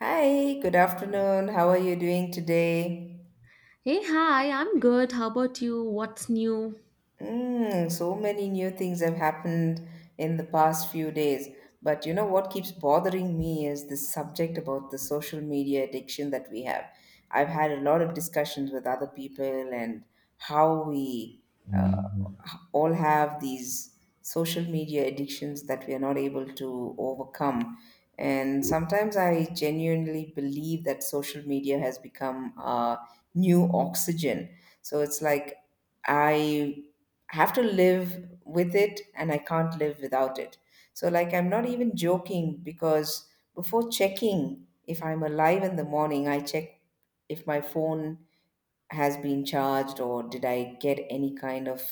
Hi, good afternoon. How are you doing today? Hey, hi, I'm good. How about you? What's new? Mm, so many new things have happened in the past few days. But you know what keeps bothering me is this subject about the social media addiction that we have. I've had a lot of discussions with other people and how we uh, all have these social media addictions that we are not able to overcome. And sometimes I genuinely believe that social media has become a new oxygen. So it's like I I have to live with it and I can't live without it. So, like, I'm not even joking because before checking if I'm alive in the morning, I check if my phone has been charged or did I get any kind of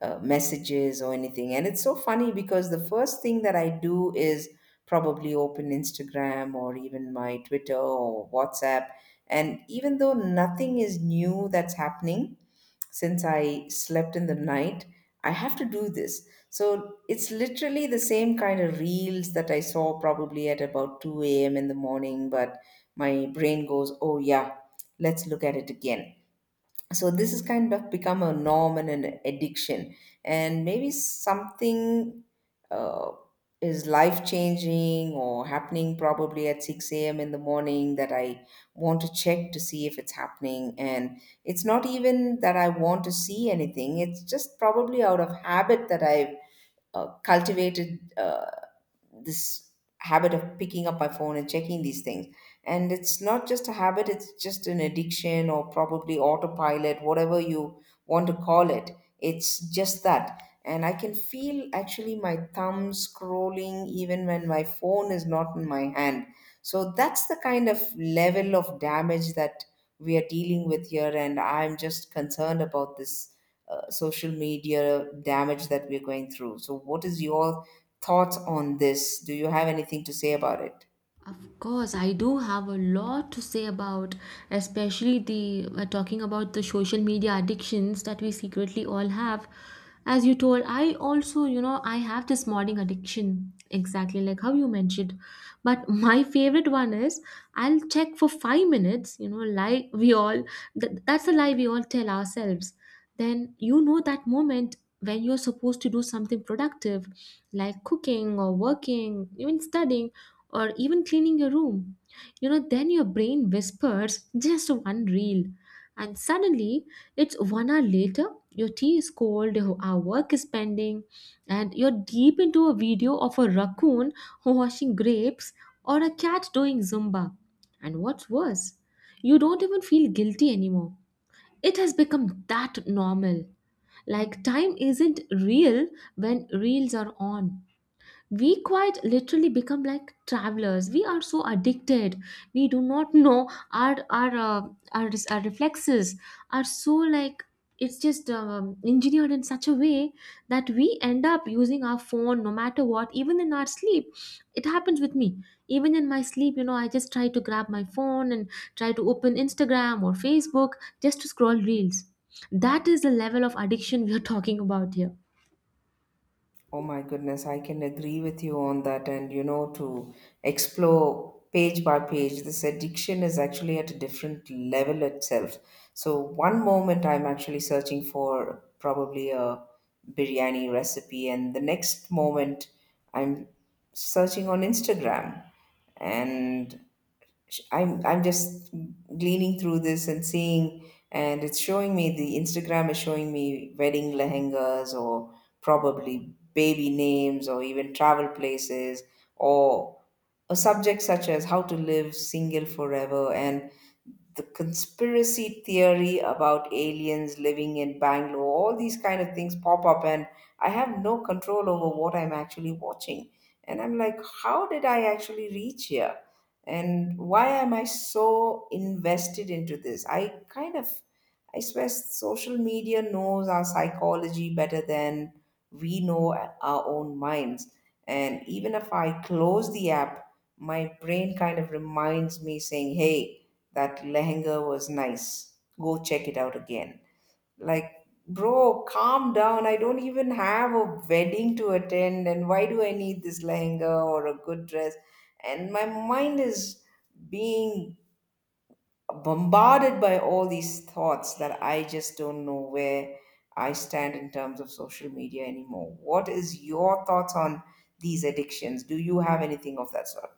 messages or anything. And it's so funny because the first thing that I do is probably open Instagram or even my Twitter or WhatsApp. And even though nothing is new that's happening, since I slept in the night, I have to do this. So it's literally the same kind of reels that I saw probably at about 2 a.m. in the morning, but my brain goes, oh, yeah, let's look at it again. So this has kind of become a norm and an addiction, and maybe something uh, is life changing or happening probably at 6 a.m in the morning that I want to check to see if it's happening. And it's not even that I want to see anything, it's just probably out of habit that I've cultivated this habit of picking up my phone and checking these things. And it's not just a habit, it's just an addiction or probably autopilot, whatever you want to call it. It's just that. And I can feel actually my thumb scrolling even when my phone is not in my hand. So that's the kind of level of damage that we are dealing with here. And I'm just concerned about this social media damage that we're going through. So, what is your thoughts on this? Do you have anything to say about it? Of course, I do have a lot to say about, especially the talking about the social media addictions that we secretly all have. As you told, I also, I have this modding addiction, exactly like how you mentioned. But my favorite one is I'll check for 5 minutes, lie we all, that's a lie we all tell ourselves. Then you know that moment when you're supposed to do something productive, like cooking or working, even studying or even cleaning your room. Then your brain whispers just one reel. And suddenly, it's one hour later, your tea is cold, your our work is pending, and you're deep into a video of a raccoon washing grapes or a cat doing Zumba. And what's worse, you don't even feel guilty anymore. It has become that normal. Like, time isn't real when reels are on. We quite literally become like travelers. We are so addicted, we do not know our our reflexes are so like it's just engineered in such a way that we end up using our phone no matter what, even in our sleep. It happens with me. Even in my sleep, you know, I just try to grab my phone and try to open Instagram or Facebook, just to scroll reels. That is the level of addiction we are talking about here. Oh my goodness, I can agree with you on that. And you know, to explore page by page, this addiction is actually at a different level itself. So, one moment I'm actually searching for probably a biryani recipe, and the next moment I'm searching on Instagram. And I'm just gleaning through this and seeing, and it's showing me, the Instagram is showing me wedding lehengas or probably baby names or even travel places or a subject such as how to live single forever and the conspiracy theory about aliens living in Bangalore, all these kind of things pop up, and I have no control over what I'm actually watching. And I'm like, how did I actually reach here? And why am I so invested into this? I kind of, I swear, social media knows our psychology better than we know our own minds. And even if I close the app, my brain kind of reminds me saying, hey, that lehenga was nice. Go check it out again. Like, bro, calm down. I don't even have a wedding to attend, and why do I need this lehenga or a good dress? And my mind is being bombarded by all these thoughts that I just don't know where I stand in terms of social media anymore. What is your thoughts on these addictions? Do you have anything of that sort?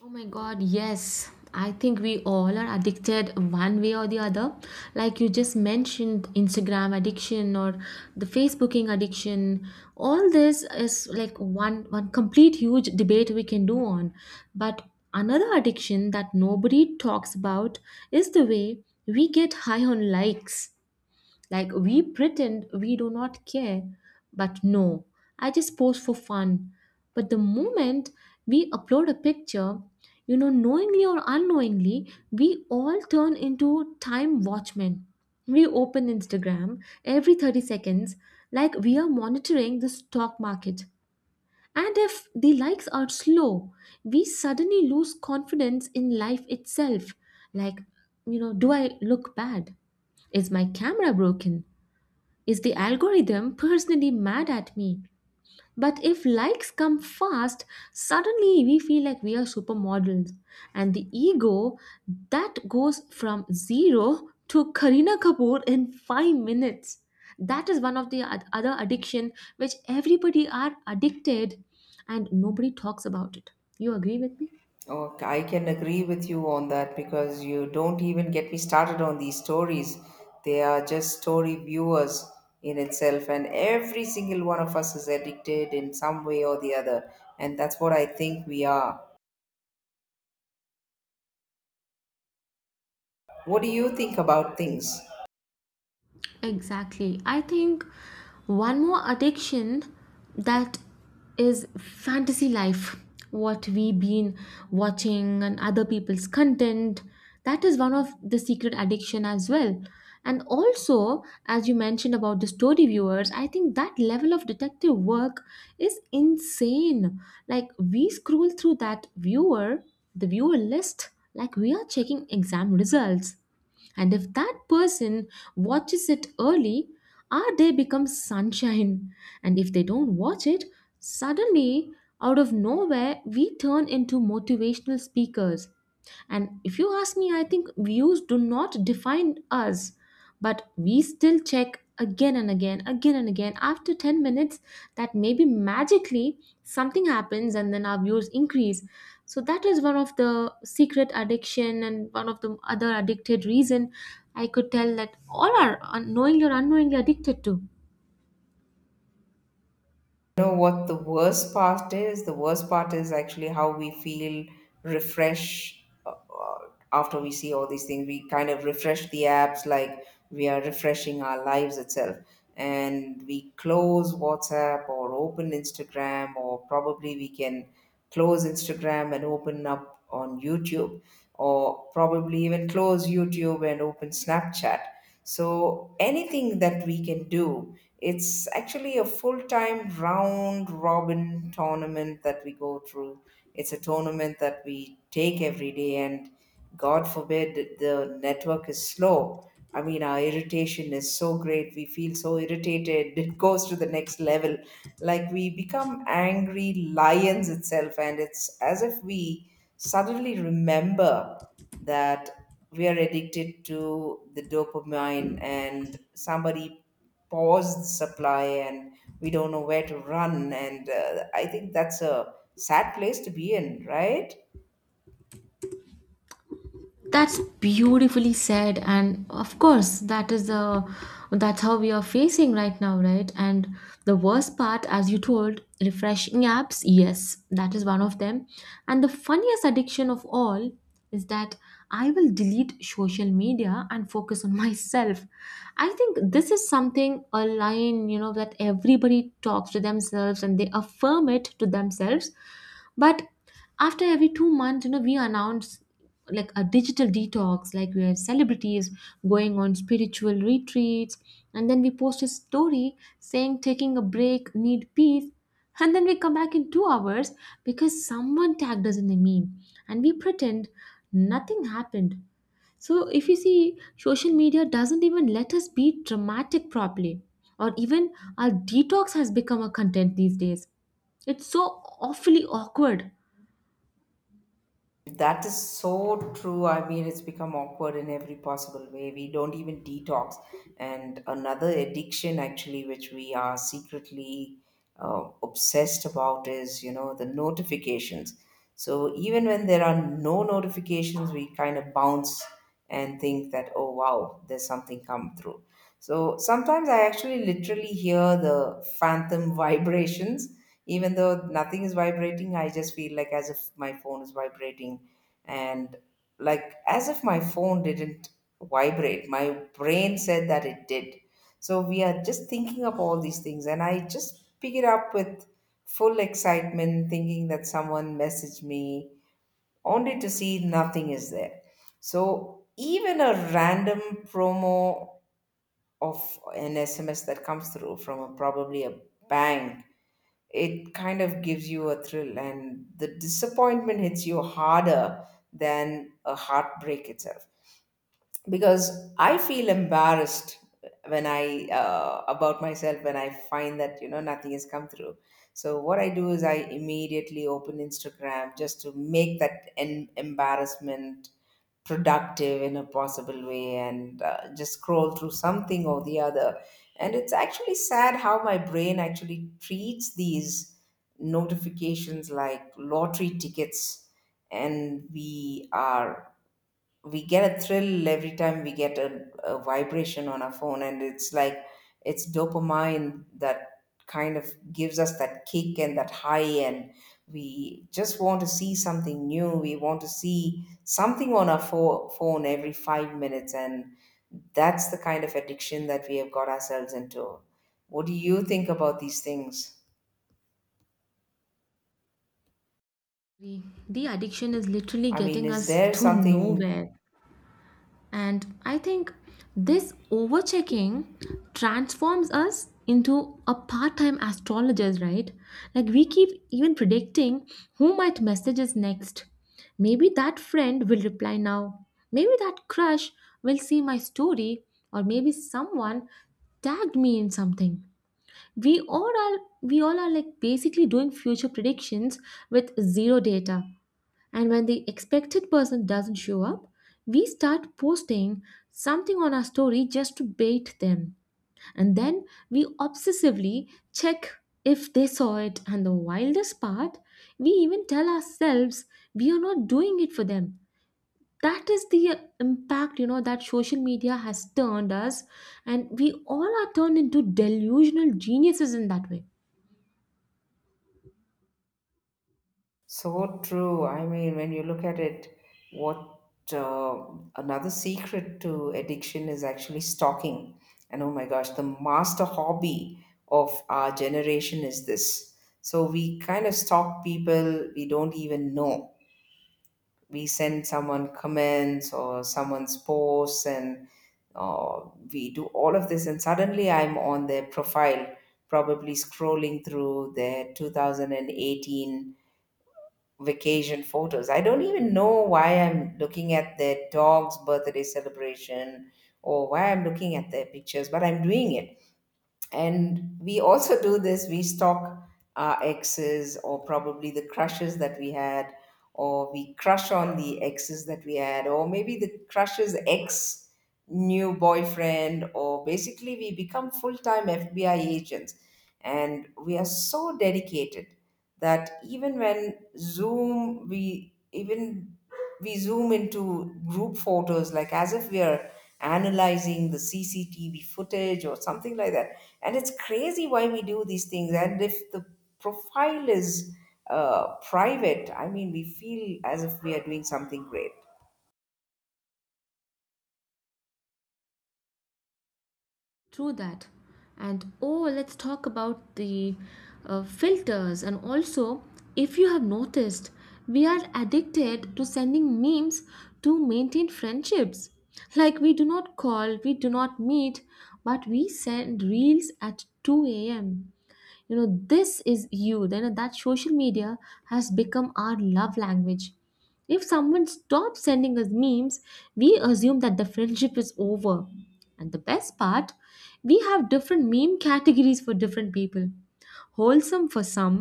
Oh my god, yes. I think we all are addicted one way or the other. Like you just mentioned, Instagram addiction or the Facebooking addiction. All this is like one complete huge debate we can do on. But another addiction that nobody talks about is the way we get high on likes. Like, we pretend we do not care, but no, I just post for fun. But the moment we upload a picture, you know, knowingly or unknowingly, we all turn into time watchmen. We open Instagram every 30 seconds like we are monitoring the stock market. And if the likes are slow, we suddenly lose confidence in life itself. Like, you know, do I look bad? Is my camera broken? Is the algorithm personally mad at me? But if likes come fast, suddenly we feel like we are supermodels. And the ego that goes from zero to Karina Kapoor in 5 minutes. That is one of the other addiction which everybody are addicted and nobody talks about it. You agree with me? Okay, I can agree with you on that because you don't even get me started on these stories. They are just story viewers in itself, and every single one of us is addicted in some way or the other. And that's what I think we are. What do you think about things? Exactly. I think one more addiction that is fantasy life, what we've been watching and other people's content. That is one of the secret addiction as well. And also, as you mentioned about the story viewers, I think that level of detective work is insane. Like, we scroll through that viewer, the viewer list, like we are checking exam results. And if that person watches it early, our day becomes sunshine. And if they don't watch it, suddenly, out of nowhere, we turn into motivational speakers. And if you ask me, I think views do not define us, but we still check again and again, again and again. After 10 minutes, that maybe magically something happens and then our views increase. So that is one of the secret addiction and one of the other addicted reason I could tell that all are unknowingly or unknowingly addicted to. You know what the worst part is? The worst part is actually how we feel refresh after we see all these things. We kind of refresh the apps like we are refreshing our lives itself. And we close WhatsApp or open Instagram, or probably we can close Instagram and open up on YouTube, or probably even close YouTube and open Snapchat. So anything that we can do, it's actually a full time round robin tournament that we go through. It's a tournament that we take every day, and God forbid the network is slow. I mean, our irritation is so great. We feel so irritated. It goes to the next level. Like we become angry lions itself, and it's as if we suddenly remember that we are addicted to the dopamine and somebody paused the supply and we don't know where to run. And I think that's a sad place to be in, right? That's beautifully said, and of course, that is the that's how we are facing right now, right? And the worst part, as you told, refreshing apps, yes, that is one of them. And the funniest addiction of all is that I will delete social media and focus on myself. I think this is something a line, you know, that everybody talks to themselves and they affirm it to themselves. But after every 2 months, you know, we announce like a digital detox like we have celebrities going on spiritual retreats, and then we post a story saying taking a break, need peace. And then we come back in 2 hours because someone tagged us in a meme and we pretend nothing happened. So if you see, social media doesn't even let us be dramatic properly, or even our detox has become a content these days. It's so awfully awkward. That is so true. I mean, it's become awkward in every possible way. We don't even detox. And another addiction, actually, which we are secretly obsessed about is, you know, the notifications. So even when there are no notifications, we kind of bounce and think that, oh, wow, there's something come through. So sometimes I actually literally hear the phantom vibrations. Even though nothing is vibrating, I just feel like as if my phone is vibrating. And like as if my phone didn't vibrate, my brain said that it did. So we are just thinking up all these things. And I just pick it up with full excitement, thinking that someone messaged me, only to see nothing is there. So even a random promo of an SMS that comes through from a, probably a bank, it kind of gives you a thrill, and the disappointment hits you harder than a heartbreak itself. Because I feel embarrassed when I about myself, when I find that you know nothing has come through. So what I do is I immediately open Instagram just to make that embarrassment productive in a possible way and just scroll through something or the other. And it's actually sad how my brain actually treats these notifications like lottery tickets, and we get a thrill every time we get a vibration on our phone, and it's like it's dopamine that kind of gives us that kick and that high. And we just want to see something new, we want to see something on our phone every 5 minutes, and that's the kind of addiction that we have got ourselves into. What do you think about these things? Agree. The addiction is literally I mean, getting is us there to something? nowhere. And I think this overchecking transforms us into a part time astrologers, right? Like, we keep even predicting who might message us next. Maybe that friend will reply now. Maybe that crush will see my story, or maybe someone tagged me in something. We all are like basically doing future predictions with zero data. And when the expected person doesn't show up, we start posting something on our story just to bait them. And then we obsessively check if they saw it. And the wildest part, we even tell ourselves we are not doing it for them. That is the impact, you know, that social media has turned us. And we all are turned into delusional geniuses in that way. So true. I mean, when you look at it, what uh, another secret to addiction is actually stalking. And oh my gosh, the master hobby of our generation is this. So we kind of stalk people we don't even know. We send someone comments or someone's posts, and uh, we do all of this. And suddenly I'm on their profile, probably scrolling through their 2018 vacation photos. I don't even know why I'm looking at their dog's birthday celebration or why I'm looking at their pictures, but I'm doing it. And we also do this, we stalk our exes or probably the crushes that we had, or we crush on the exes that we had, or maybe the crush's ex, new boyfriend, or basically we become full-time FBI agents. And we are so dedicated that even when zoom we even we zoom into group photos like as if we are analyzing the CCTV footage or something like that. And it's crazy why we do these things. And if the profile is private, I mean, we feel as if we are doing something great. True that. And oh, let's talk about the filters. And also, if you have noticed, we are addicted to sending memes to maintain friendships. Like, we do not call, we do not meet, but we send reels at 2 a.m. You know, this is you then that social media has become our love language. If someone stops sending us memes, we assume that the friendship is over. And the best part, we have different meme categories for different people: wholesome for some,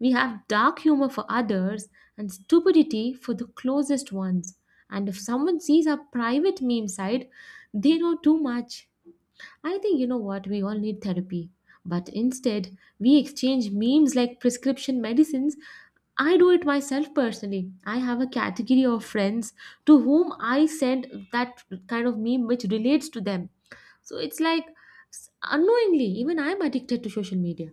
we have dark humor for others, and stupidity for the closest ones. And if someone sees our private meme side, they know too much. I think, you know what, we all need therapy. But instead, we exchange memes like prescription medicines. I do it myself personally. I have a category of friends to whom I send that kind of meme which relates to them. So it's like, unknowingly, even I'm addicted to social media.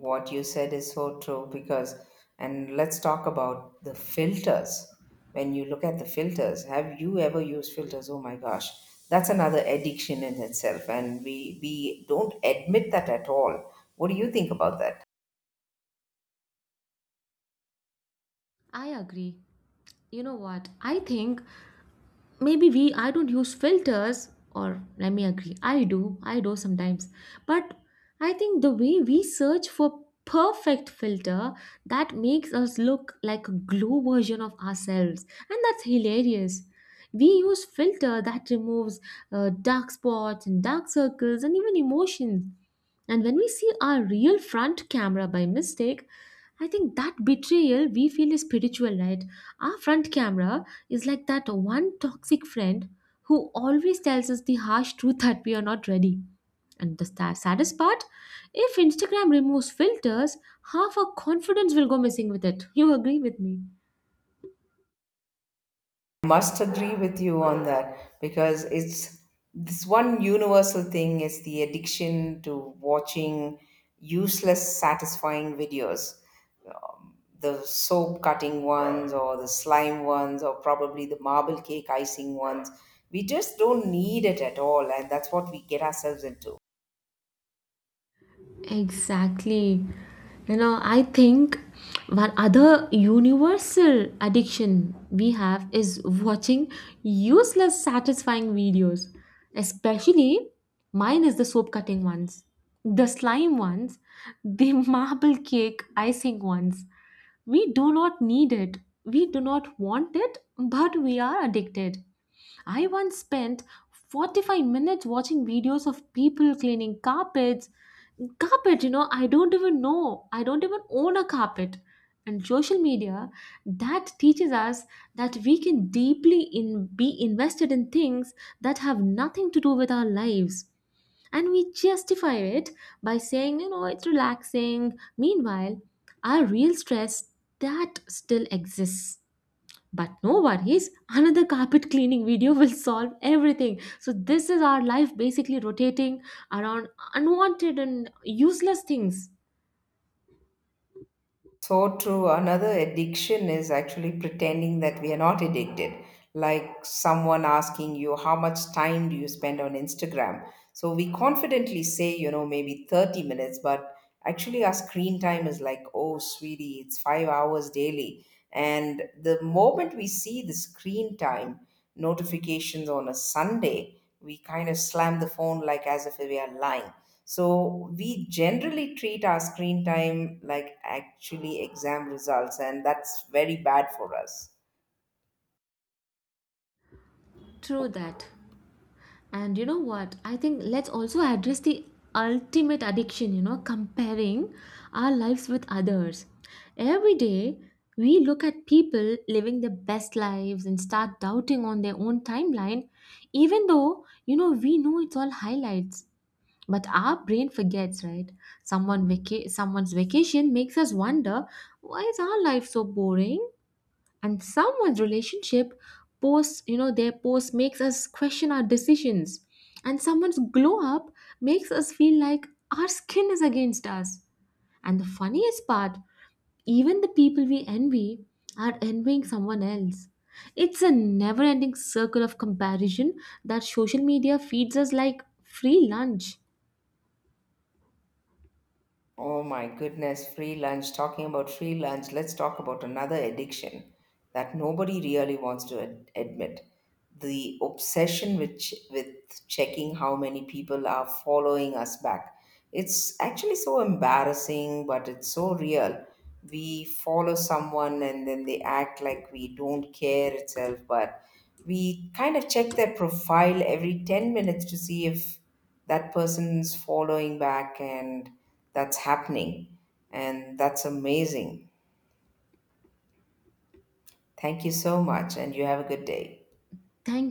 What you said is so true. Because, and let's talk about the filters. When you look at the filters, have you ever used filters? Oh my gosh, that's another addiction in itself, and we don't admit that at all. What do you think about that? I agree. You know what? I think maybe we I don't use filters, or let me agree, I do sometimes. But I think the way we search for perfect filter that makes us look like a glow version of ourselves, and that's hilarious. We use filter that removes dark spots and dark circles and even emotions. And when we see our real front camera by mistake, I think that betrayal we feel is spiritual, right? Our front camera is like that one toxic friend who always tells us the harsh truth that we are not ready. And the saddest part, if Instagram removes filters, half our confidence will go missing with it. You agree with me? Must agree with you on that because it's this one universal thing is the addiction to watching useless satisfying videos, the soap cutting ones or the slime ones or probably the marble cake icing ones. We just don't need it at all, and that's what we get ourselves into. Exactly. You know, I think one other universal addiction we have is watching useless, satisfying videos. Especially mine is the soap cutting ones, the slime ones, the marble cake icing ones. We do not need it, we do not want it, but we are addicted. I once spent 45 minutes watching videos of people cleaning carpets. Carpet, you know, I don't even know. I don't even own a carpet. And social media that teaches us that we can be invested in things that have nothing to do with our lives. And we justify it by saying, you know, it's relaxing. Meanwhile, our real stress that still exists. But no worries, another carpet cleaning video will solve everything. So, this is our life basically rotating around unwanted and useless things. So true. Another addiction is actually pretending that we are not addicted. Like someone asking you, how much time do you spend on Instagram? So we confidently say, you know, maybe 30 minutes, but actually our screen time is like, oh, sweetie, it's 5 hours daily. And the moment we see the screen time notifications on a Sunday, we kind of slam the phone like as if we are lying. So we generally treat our screen time like actually exam results, and that's very bad for us. True that. And you know what? I think let's also address the ultimate addiction, you know, comparing our lives with others. Every day, we look at people living their best lives and start doubting on their own timeline, even though, you know, we know it's all highlights. But our brain forgets, right? Someone's vacation makes us wonder, why is our life so boring? And someone's relationship post, you know, their post makes us question our decisions. And someone's glow up makes us feel like our skin is against us. And the funniest part, even the people we envy are envying someone else. It's a never ending circle of comparison that social media feeds us like free lunch. Oh my goodness, free lunch. Talking about free lunch, let's talk about another addiction that nobody really wants to admit. The obsession with, with checking how many people are following us back. It's actually so embarrassing, but it's so real. We follow someone and then they act like we don't care itself, but we kind of check their profile every 10 minutes to see if that person's following back and that's happening. And that's amazing. Thank you so much, and you have a good day. Thank